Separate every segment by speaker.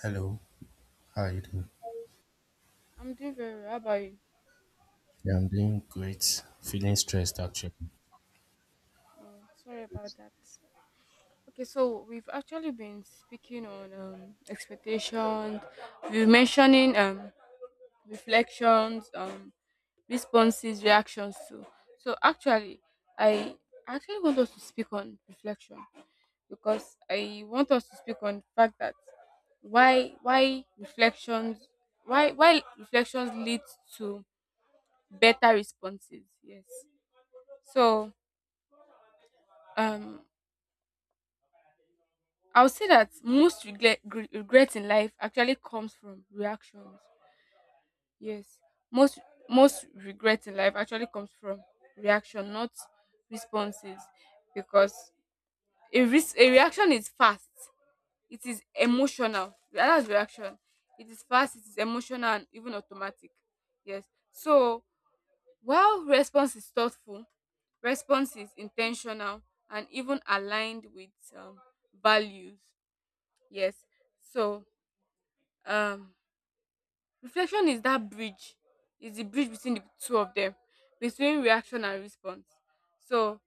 Speaker 1: Hello, how are you doing?
Speaker 2: I'm doing very well. How about you?
Speaker 1: Yeah, I'm doing great. Feeling stressed actually.
Speaker 2: Oh, sorry about that. Okay, so we've actually been speaking on expectations. We're mentioning reflections, responses, reactions too. So actually, I actually want us to speak on reflection because I want us to speak on the fact that why reflections why reflections leads to better responses. Yes. So um I would say that most regret in life actually comes from reactions. Yes, most most regret in life actually comes from reaction, not responses, because a reaction is fast. It is emotional. That's reaction. It is fast. It is emotional and even automatic. Yes. So while response is thoughtful, response is intentional and even aligned with um, values. Yes. So um reflection is that bridge is the bridge between the two of them, between reaction and response. So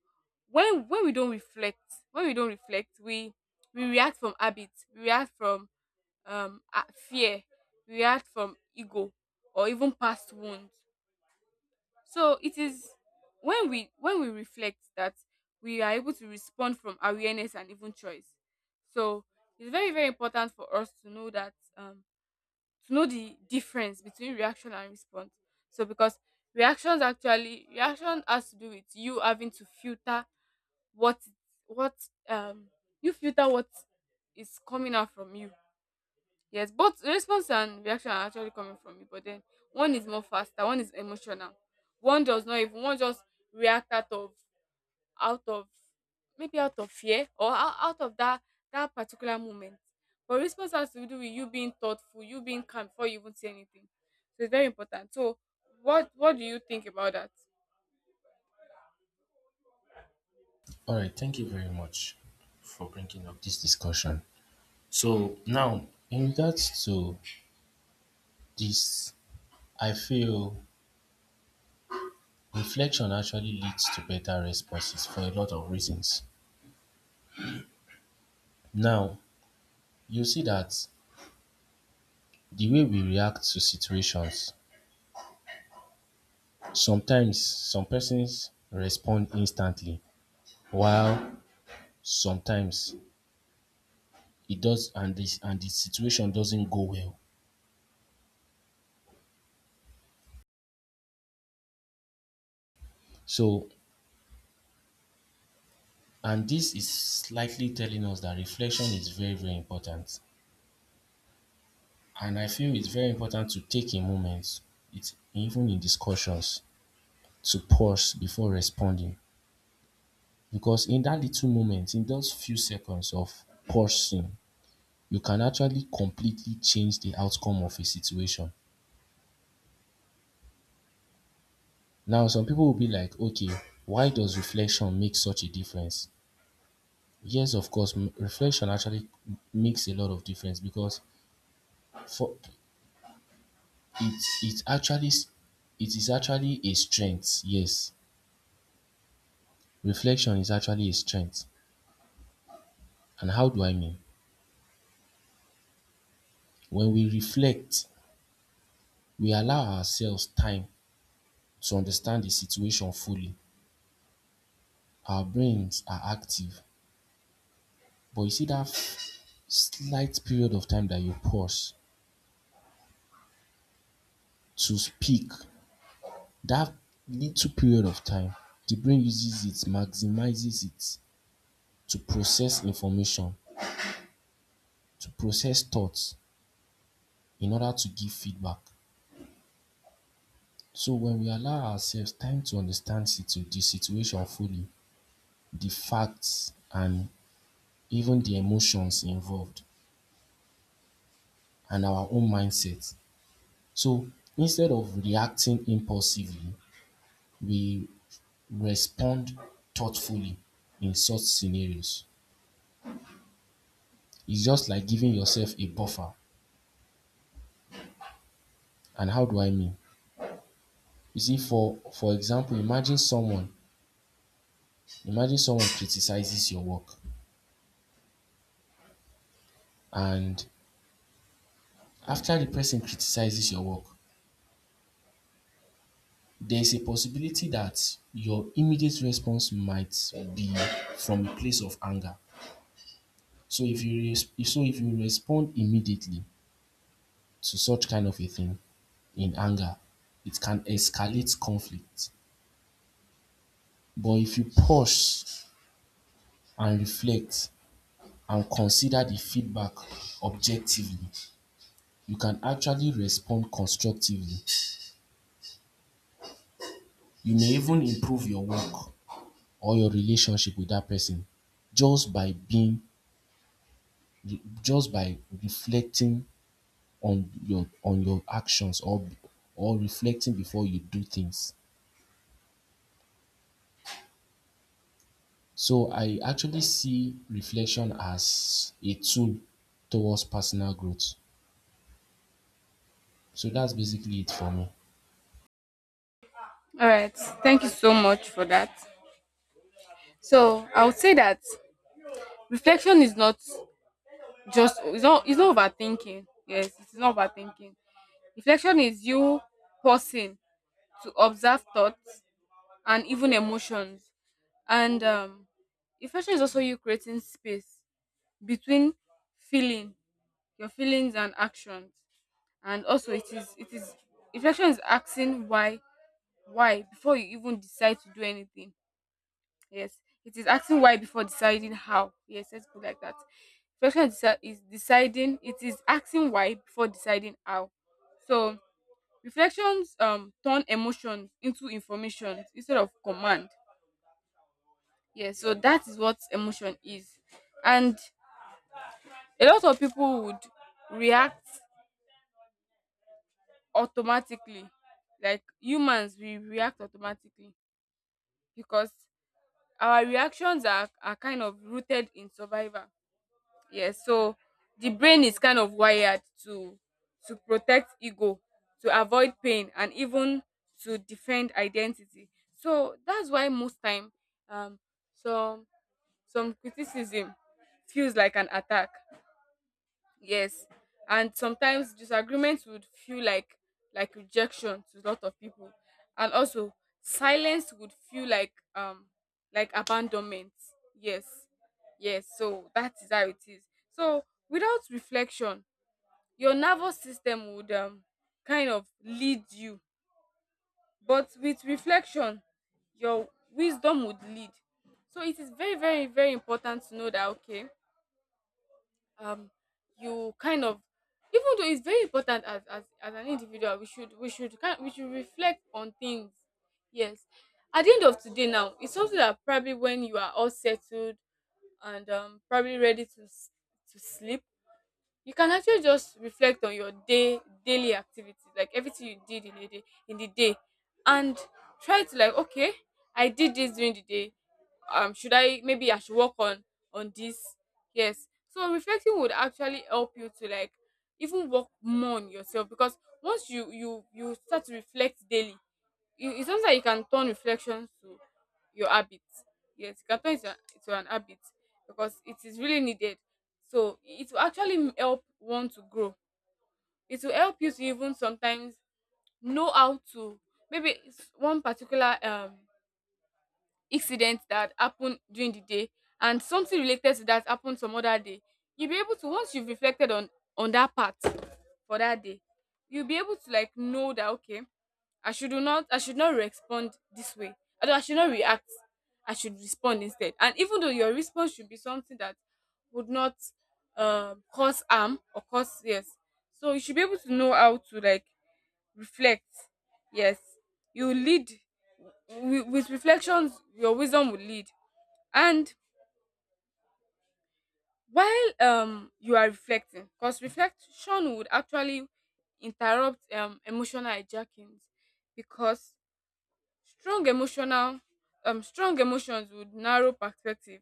Speaker 2: when we don't reflect, when we don't reflect we react from habit, we react from fear, we react from ego or even past wounds. So it is when we reflect that we are able to respond from awareness and even choice. So it's very very important for us to know that to know the difference between reaction and response. So because reaction has to do with you having to filter what what um you filter what is coming out from you. Yes, both response and reaction are actually coming from you, but then one is more faster, one is emotional. One does not even one just react out of out of maybe out of fear or out of that that particular moment, but response has to do with you being thoughtful, you being calm before you even say anything. So it's very important. So what do you think about that?
Speaker 1: All right, thank you very much for bringing up this discussion. So, now in regards to this, I feel reflection actually leads to better responses for a lot of reasons. Now, you see that the way we react to situations, sometimes some persons respond instantly, while sometimes it does and this and the situation doesn't go well. So And this is slightly telling us that reflection is very, very important. And I feel it's very important to take a moment, it's even in discussions, to pause before responding. Because in that little moment, in those few seconds of pausing, you can actually completely change the outcome of a situation. Now, some people will be like, okay, why does reflection make such a difference? Yes, of course, reflection actually makes a lot of difference because for It's actually it is actually a strength, yes. Reflection is actually a strength. And how do I mean? When we reflect, we allow ourselves time to understand the situation fully. Our brains are active. But you see that slight period of time that you pause to speak, that little period of time, the brain uses it, maximizes it to process information, to process thoughts in order to give feedback. So when we allow ourselves time to understand the situation fully, the facts and even the emotions involved and our own mindset. So instead of reacting impulsively, we respond thoughtfully in such scenarios. It's just like giving yourself a buffer. And how do I mean? You see, for example, imagine someone criticizes your work, and after the person criticizes your work, there's a possibility that your immediate response might be from a place of anger. So if you res- if- so if you respond immediately to such kind of a thing in anger, it can escalate conflict. But if you pause and reflect and consider the feedback objectively, you can actually respond constructively. You may even improve your work or your relationship with that person, just by being just by reflecting on your actions, or reflecting before you do things. So I actually see reflection as a tool towards personal growth. So that's basically it for me.
Speaker 2: All right, thank you so much for that. So I would say that reflection is not just it's not overthinking. Yes, it's not overthinking. Reflection is you pausing to observe thoughts and even emotions. And reflection is also you creating space between feeling your feelings and actions. And also, it is reflection is asking why before you even decide to do anything. Yes, it is asking why before deciding how. Yes, let's put it like that. Reflection is deciding. It is asking why before deciding how. So reflections turn emotion into information instead of command. Yeah, so that is what emotion is. And a lot of people would react automatically. Like humans, we react automatically because our reactions are kind of rooted in survival. Yes, so the brain is kind of wired to protect ego, to avoid pain, and even to defend identity. So that's why most time, um some some criticism feels like an attack. Yes. And sometimes disagreements would feel like rejection to a lot of people. And also silence would feel like abandonment. Yes. Yes, so that is how it is. So without reflection, your nervous system would kind of lead you, but with reflection your wisdom would lead. So it is very very very important to know that, okay, um you kind of, even though it's very important, as an individual, we should kind we should reflect on things. Yes. At the end of today now, it's something that probably when you are all settled and probably ready to sleep, you can actually just reflect on your day, daily activities, like everything you did in a day, in the day. And try to, like, okay, I did this during the day. Should I, maybe I should work on this. Yes, so reflecting would actually help you to, like, even work more on yourself, because once you start to reflect daily, you, it's something that you can turn reflections to your habits. Yes, you can turn it to, to an habit because it is really needed. So it will actually help one to grow. It will help you to even sometimes know how to, maybe it's one particular incident that happened during the day and something related to that happened some other day, you'll be able to, once you've reflected on that part for that day, you'll be able to, like, know that, okay, I should not respond this way. I should not react, I should respond instead. And even though your response should be something that would not cause harm or cause, yes. So you should be able to know how to, like, reflect. Yes, you lead, with reflections your wisdom will lead. And while you are reflecting, because reflection would actually interrupt emotional hijackings, because strong emotional strong emotions would narrow perspective.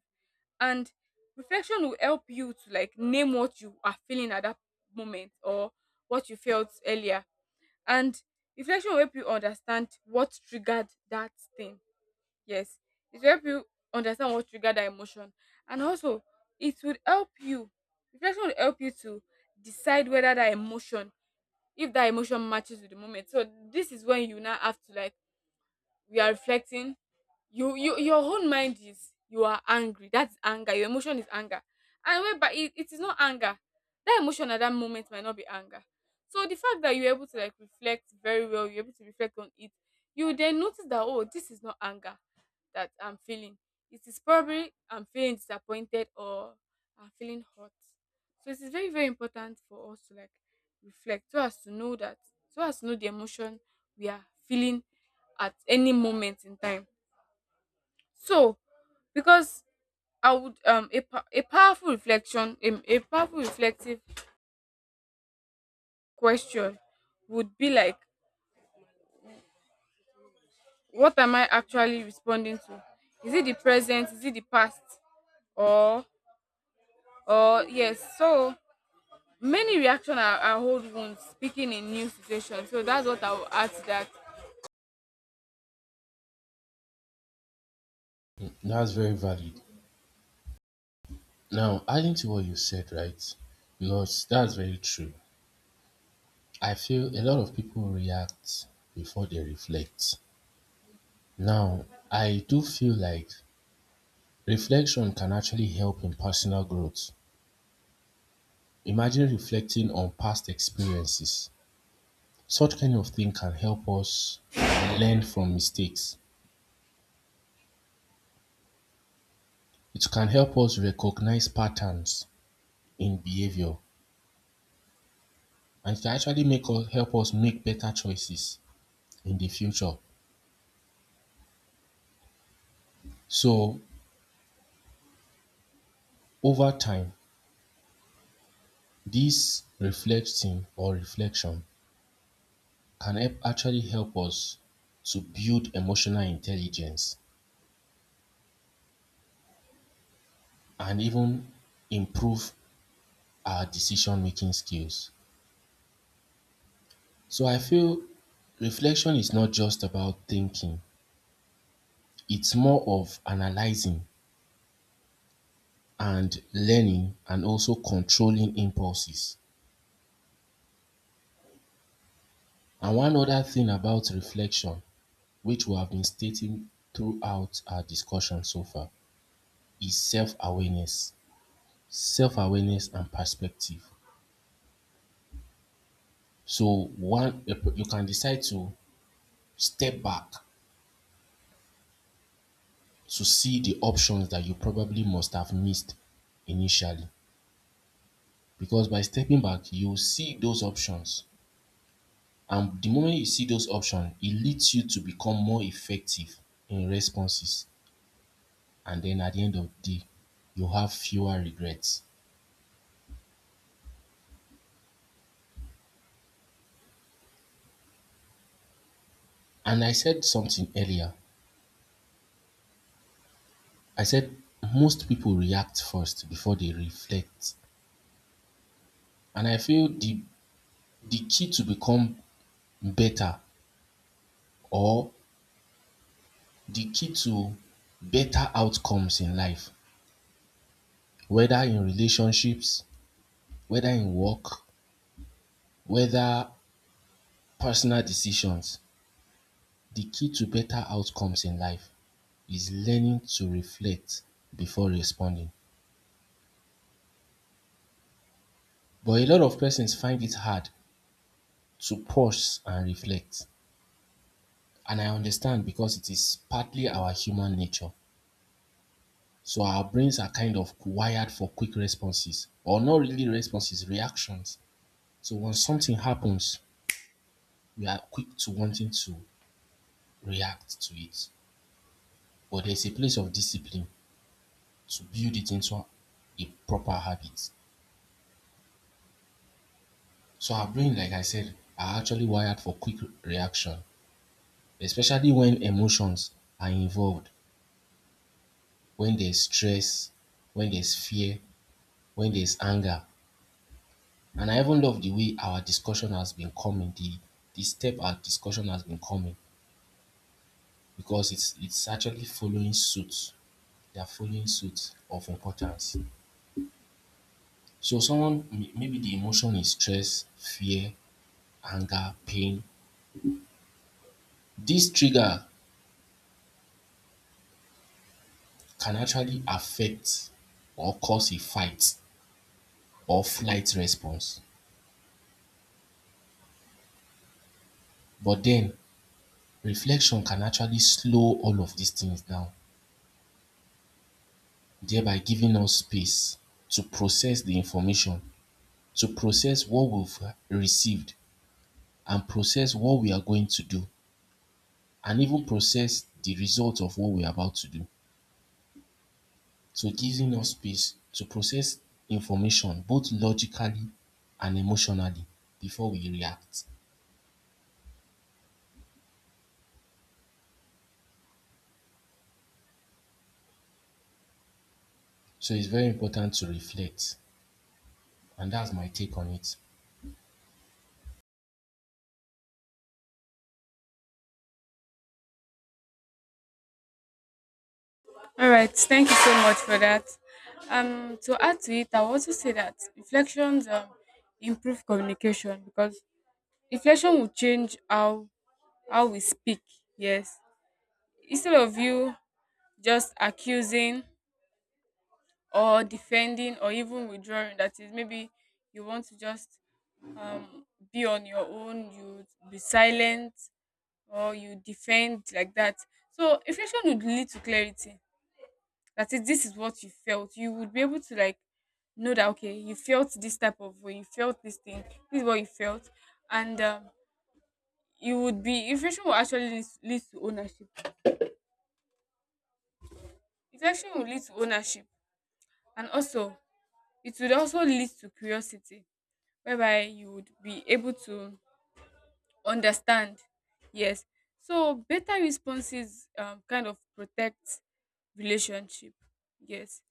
Speaker 2: And reflection will help you to, like, name what you are feeling at that moment, or what you felt earlier. And reflection will help you understand what triggered that thing. Yes, it will help you understand what triggered that emotion. And also it will help you, reflection will help you to decide whether that emotion, if that emotion matches with the moment. So this is when you now have to, like, we are reflecting, your own mind is, you are angry, that's anger, your emotion is anger. And wait, but it is not anger. That emotion at that moment might not be anger. So the fact that you're able to, like, reflect very well, you're able to reflect on it, you then notice that, oh, this is not anger that I'm feeling. It is probably I'm feeling disappointed, or I'm feeling hurt. So it is very very important for us to, like, reflect so as to know that, so as to know the emotion we are feeling at any moment in time. So, because I would a, pa- a powerful reflection a powerful reflective question would be like, what am I actually responding to? Is it the present? Is it the past? Or or yes. So many reaction are old wounds speaking in new situations. So that's what I will add to that.
Speaker 1: That's very valid. Now, adding to what you said, right? Because that's very true. I feel a lot of people react before they reflect. Now, I do feel like reflection can actually help in personal growth. Imagine reflecting on past experiences. Such kind of thing can help us learn from mistakes. It can help us recognize patterns in behavior, and it can actually make us help us make better choices in the future. So over time, this reflecting or reflection can help actually help us to build emotional intelligence and even improve our decision making skills. So I feel reflection is not just about thinking, it's more of analyzing and learning and also controlling impulses. And one other thing about reflection, which we have been stating throughout our discussion so far, is self awareness and perspective. So one, you can decide to step back to see the options that you probably must have missed initially. Because by stepping back, you see those options. And the moment you see those options, it leads you to become more effective in responses. And then at the end of the day, you have fewer regrets. And I said something earlier. I said most people react first before they reflect. And I feel the key to become better, or the key to better outcomes in life, whether in relationships, whether in work, whether personal decisions, the key to better outcomes in life is learning to reflect before responding. But a lot of persons find it hard to pause and reflect. And I understand because it is partly our human nature. So our brains are kind of wired for quick responses, or not really responses, reactions. So when something happens, we are quick to wanting to react to it. But there's a place of discipline to build it into a proper habit. So our brain, like I said, are actually wired for quick reaction, especially when emotions are involved, when there's stress, when there's fear, when there's anger. And I even love the way our discussion has been coming, the step our discussion has been coming, because it's actually following suit. They are following suit of importance. So someone maybe the emotion is stress, fear, anger, pain. This trigger can actually affect or cause a fight or flight response. But then reflection can actually slow all of these things down, thereby giving us space to process the information, to process what we've received, and process what we are going to do, and even process the result of what we're about to do. So giving us space to process information both logically and emotionally before we react. So it's very important to reflect. And that's my take on it.
Speaker 2: All right. Thank you so much for that. To add to it, I will also say that reflections improve communication because reflection will change how we speak. Yes, instead of you just accusing or defending or even withdrawing, that is maybe you want to just um, be on your own, you be silent or you defend like that. So reflection would lead to clarity, that is, this is what you felt, you would be able to, like, know that, okay, you felt this type of way, you felt this thing, this is what you felt. And you would be, reflection will actually lead to ownership. Reflection will lead to ownership. And also it would also lead to curiosity, whereby you would be able to understand. Yes. So better responses kind of protect relationship. Yes.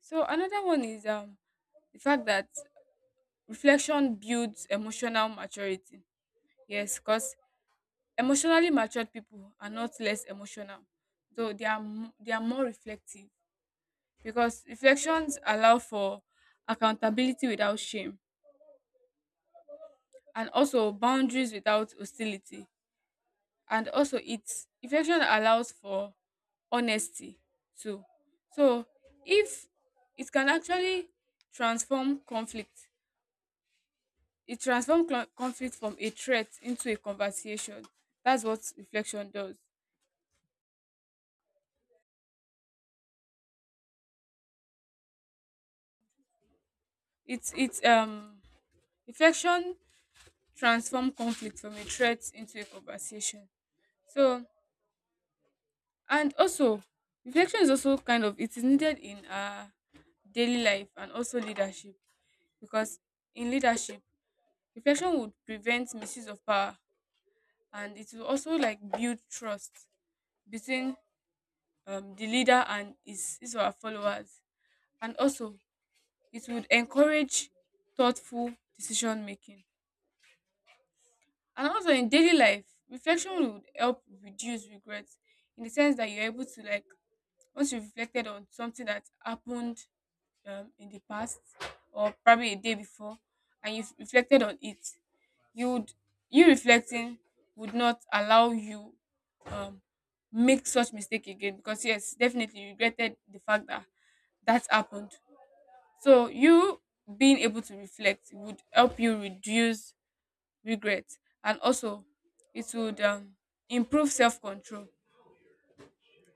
Speaker 2: So another one is the fact that reflection builds emotional maturity. Yes, because emotionally matured people are not less emotional, though they are more reflective, because reflections allow for accountability without shame, and also boundaries without hostility. And also it reflection allows for honesty too. So, if it can actually transform conflict, it transform conflict from a threat into a conversation. That's what reflection does. It's reflection transform conflict from a threat into a conversation. So, and also reflection is also kind of, it is needed in daily life and also leadership. Because in leadership, reflection would prevent misuse of power, and it will also, like, build trust between the leader and his or her followers. And also it would encourage thoughtful decision making. And also in daily life, reflection would help reduce regrets, in the sense that you're able to, like, once you've reflected on something that happened in the past or probably a day before, and you've reflected on it, you would, you reflecting would not allow you um make such mistake again, because yes, definitely you regretted the fact that that happened. So you being able to reflect would help you reduce regret. And also it would improve self-control.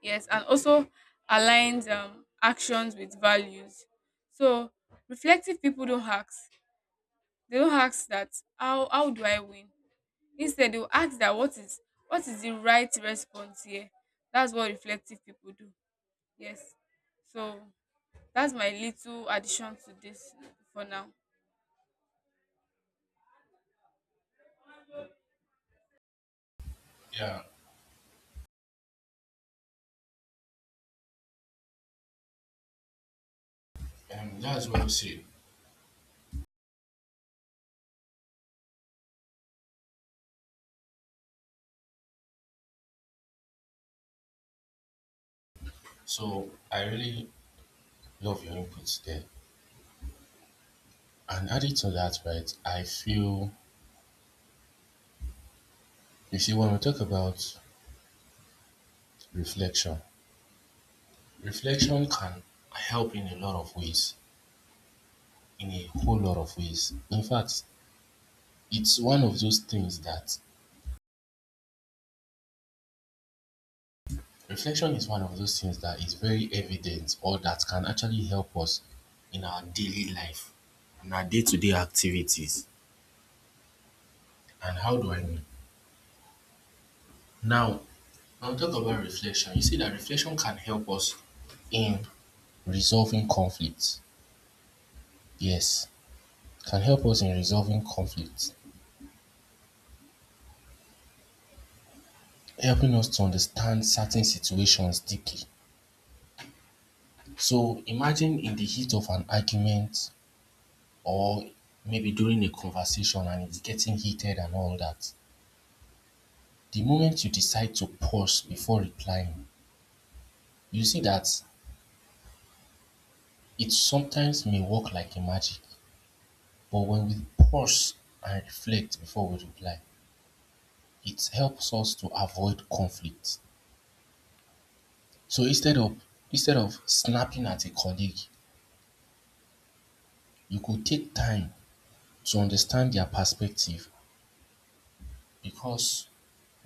Speaker 2: Yes, and also aligns actions with values. So reflective people don't ask, they don't ask that, how do I win? Instead, they will ask that what is the right response here. That's what reflective people do. Yes. So that's my little addition to this for now.
Speaker 1: Yeah, that's well said. So I really love your inputs there. And added to that, right, I feel, you see, when we talk about reflection, reflection can help in a lot of ways, in a whole lot of ways. In fact, it's one of those things that, reflection is one of those things that is very evident, or that can actually help us in our daily life, in our day to day activities. And how do I mean? Now, I'll talk about reflection. You see that reflection can help us in resolving conflicts. Yes, can help us in resolving conflicts, helping us to understand certain situations deeply. So imagine in the heat of an argument, or maybe during a conversation and it's getting heated and all that. The moment you decide to pause before replying, you see that it sometimes may work like a magic. But when we pause and reflect before we reply, it helps us to avoid conflict. So instead of snapping at a colleague, you could take time to understand their perspective, because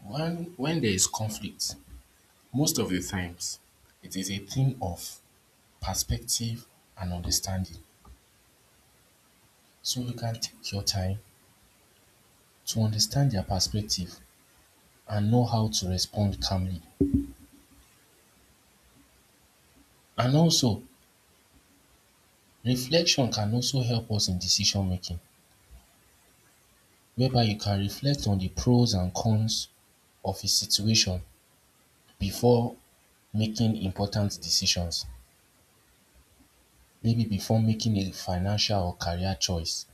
Speaker 1: when there is conflict, most of the times it is a thing of perspective and understanding. So you can take your time to understand their perspective and know how to respond calmly. And also, reflection can also help us in decision making, whereby you can reflect on the pros and cons of a situation before making important decisions. Maybe before making a financial or career choice,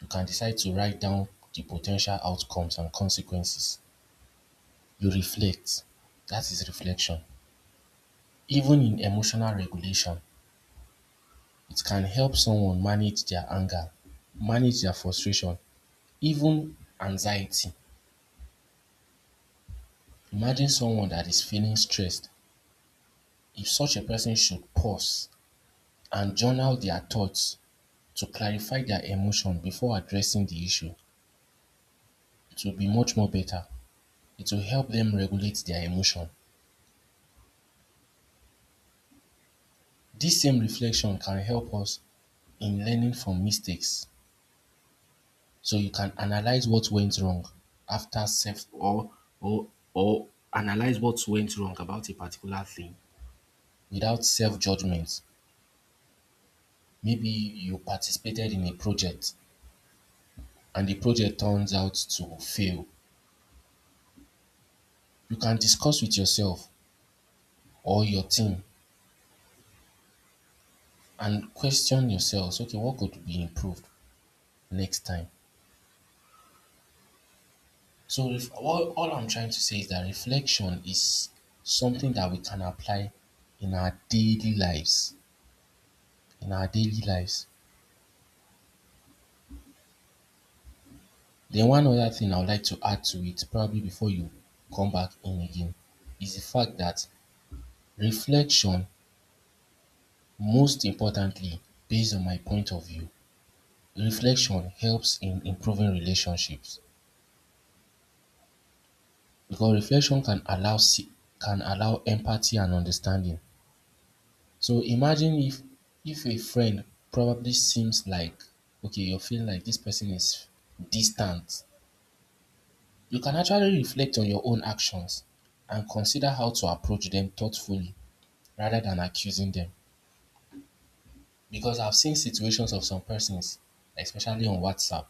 Speaker 1: you can decide to write down the potential outcomes and consequences. You reflect. That is reflection. Even in emotional regulation, it can help someone manage their anger, manage their frustration, even anxiety. Imagine someone that is feeling stressed. If such a person should pause, and journal their thoughts to clarify their emotion before addressing the issue. It will be much more better. It will help them regulate their emotion. This same reflection can help us in learning from mistakes. So you can analyze what went wrong after self, or or analyze what went wrong about a particular thing without self judgment. Maybe you participated in a project and the project turns out to fail. You can discuss with yourself or your team and question yourselves, okay, what could be improved next time? So if all I'm trying to say is that reflection is something that we can apply in our daily lives, in our daily lives then one other thing I would like to add to it, probably before you come back in again, is the fact that reflection, most importantly, based on my point of view, reflection helps in improving relationships, because reflection can can allow empathy and understanding. So imagine if a friend probably seems like, okay, you're feeling like this person is distant. You can actually reflect on your own actions and consider how to approach them thoughtfully rather than accusing them. Because I've seen situations of some persons, especially on WhatsApp,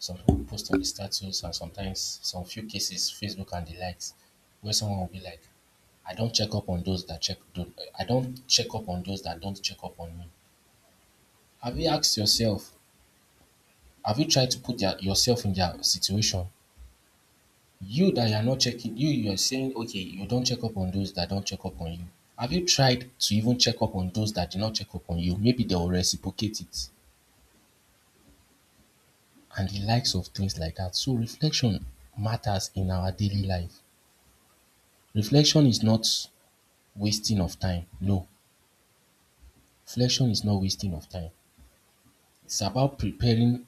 Speaker 1: some people post on the status and sometimes some few cases Facebook and the likes, where someone will be like, I don't check up on those that check don't I don't check up on those that don't check up on me. Have you asked yourself, have you tried to put yourself in their situation? You that you are not checking, you are saying, okay, you don't check up on those that don't check up on you. Have you tried to even check up on those that do not check up on you? Maybe they will reciprocate it, and the likes of things like that. So reflection matters in our daily life. Reflection is not wasting of time. No, reflection is not wasting of time. It's about preparing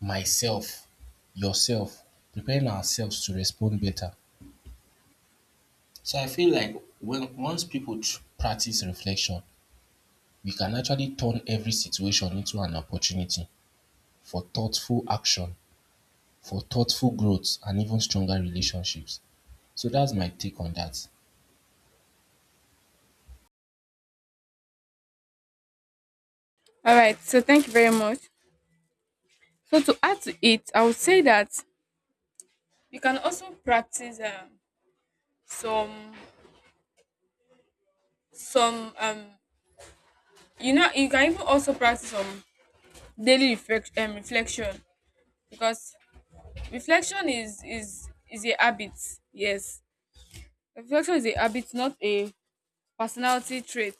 Speaker 1: myself, yourself, preparing ourselves to respond better. So I feel like when once people practice reflection, we can actually turn every situation into an opportunity for thoughtful action, for thoughtful growth, and even stronger relationships. So that's my take on that.
Speaker 2: All right. So thank you very much. So to add to it, I would say that you can also practice some some um you know, you can even also practice some daily reflection, because reflection is a habit. Yes, reflection is a habit, not a personality trait.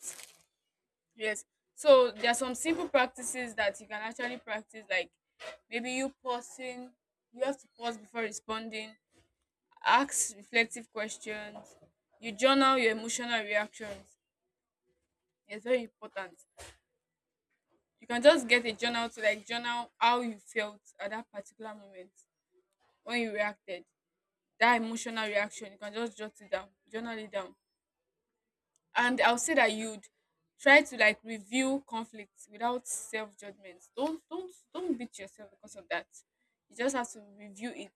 Speaker 2: Yes. So there are some simple practices that you can actually practice, like maybe you pausing, you have to pause before responding, ask reflective questions, you journal your emotional reactions. It's very important. You can just get a journal to like journal how you felt at that particular moment when you reacted. That emotional reaction, you can just jot it down, journal it down, and I'll say that you'd try to like review conflicts without self-judgment. Don't beat yourself because of that, you just have to review it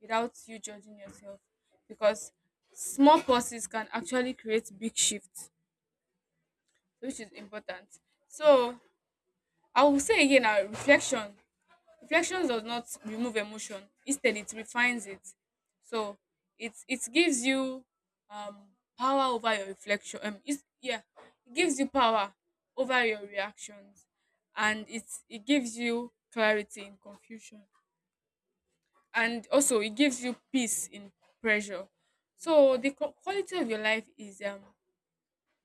Speaker 2: without you judging yourself, because small pauses can actually create big shifts, which is important. So I will say again, now, reflection does not remove emotion, instead it refines it. So it gives you um power over your reflection. Yeah, it gives you power over your reactions, and it gives you clarity in confusion, and also it gives you peace in pressure. So the quality of your life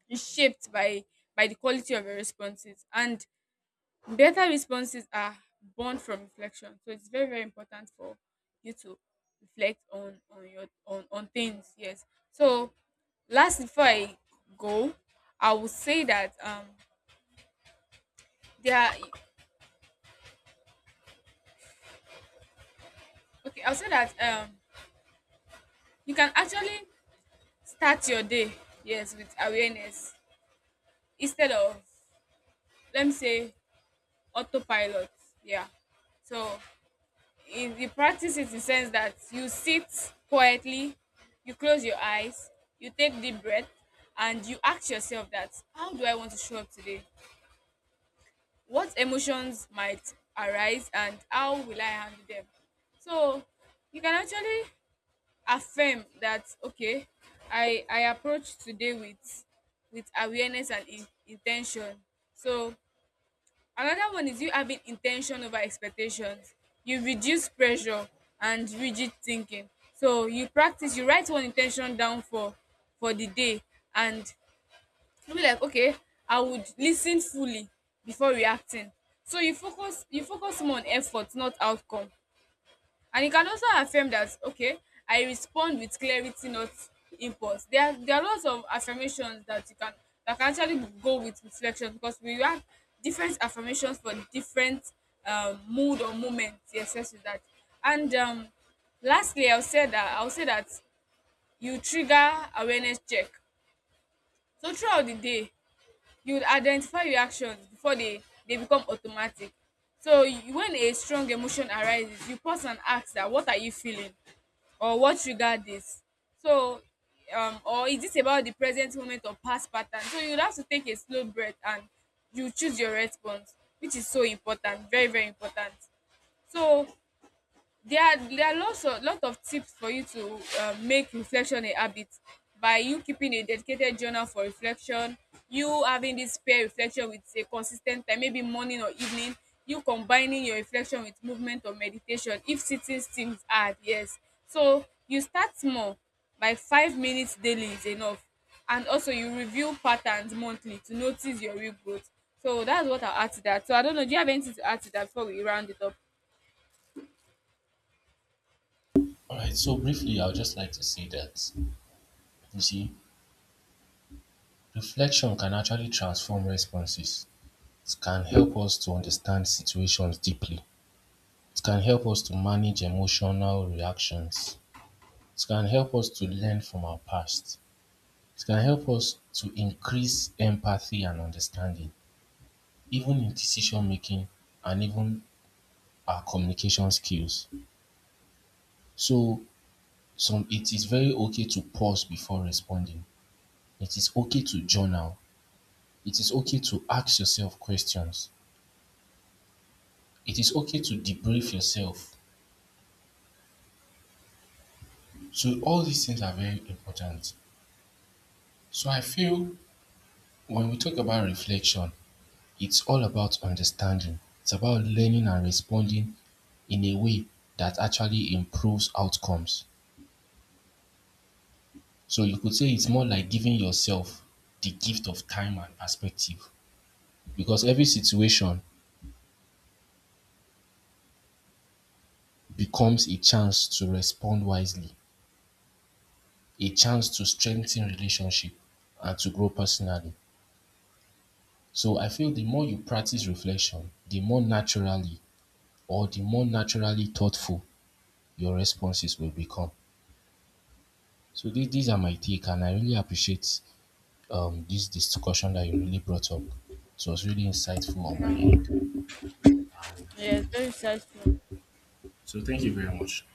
Speaker 2: is shaped by the quality of your responses, and better responses are born from reflection. So it's very, very important for you to reflect on your on things. Yes. So, last before I go, I would say that there are okay, I'll say that you can actually start your day, yes, with awareness instead of, let me say, autopilot. Yeah. So in the practice it in sense that you sit quietly, you close your eyes, you take deep breath, and you ask yourself that how do I want to show up today? What emotions might arise and how will I handle them? So you can actually affirm that, okay, I approach today with awareness and intention. So another one is you having intention over expectations. You reduce pressure and rigid thinking. So you practice, you write one intention down for the day, and you be like, okay, I would listen fully before reacting. So you focus more on effort, not outcome. And it can also affirm that, okay, I respond with clarity, not impulse. There are lots of affirmations that you can that can actually go with reflection, because we have different affirmations for different mood or moments. Yes, yes, with that. And lastly, I'll say that you trigger awareness check. So throughout the day you would identify your actions before they become automatic. So you, when a strong emotion arises, you pause and ask that what are you feeling, or what triggered this? So, or is this about the present moment or past pattern? So you have to take a slow breath and you choose your response, which is so important, very very important. So there are lots of tips for you to make reflection a habit, by you keeping a dedicated journal for reflection, you having this pair reflection with a consistent time, maybe morning or evening, you combining your reflection with movement or meditation if sitting seems hard. Yes. So you start small, by 5 minutes daily is enough. And also, you review patterns monthly to notice your real growth. So that's what I'll add to that. So I don't know, do you have anything to add to that before we round it up?
Speaker 1: All right, so briefly, I would just like to say that, you see, reflection can actually transform responses. It can help us to understand situations deeply. It can help us to manage emotional reactions. It can help us to learn from our past. It can help us to increase empathy and understanding, even in decision making, and even our communication skills. So some it is very okay to pause before responding. It is okay to journal. It is okay to ask yourself questions. It is okay to debrief yourself. So all these things are very important. So I feel when we talk about reflection, it's all about understanding. It's about learning and responding in a way that actually improves outcomes. So you could say it's more like giving yourself the gift of time and perspective, because every situation becomes a chance to respond wisely, a chance to strengthen relationship and to grow personally. So I feel the more you practice reflection, the more naturally thoughtful your responses will become. So these are my take and I really appreciate this discussion that you really brought up. So it was really insightful on my end. Um,
Speaker 2: Yes, very insightful.
Speaker 1: so thank you very much.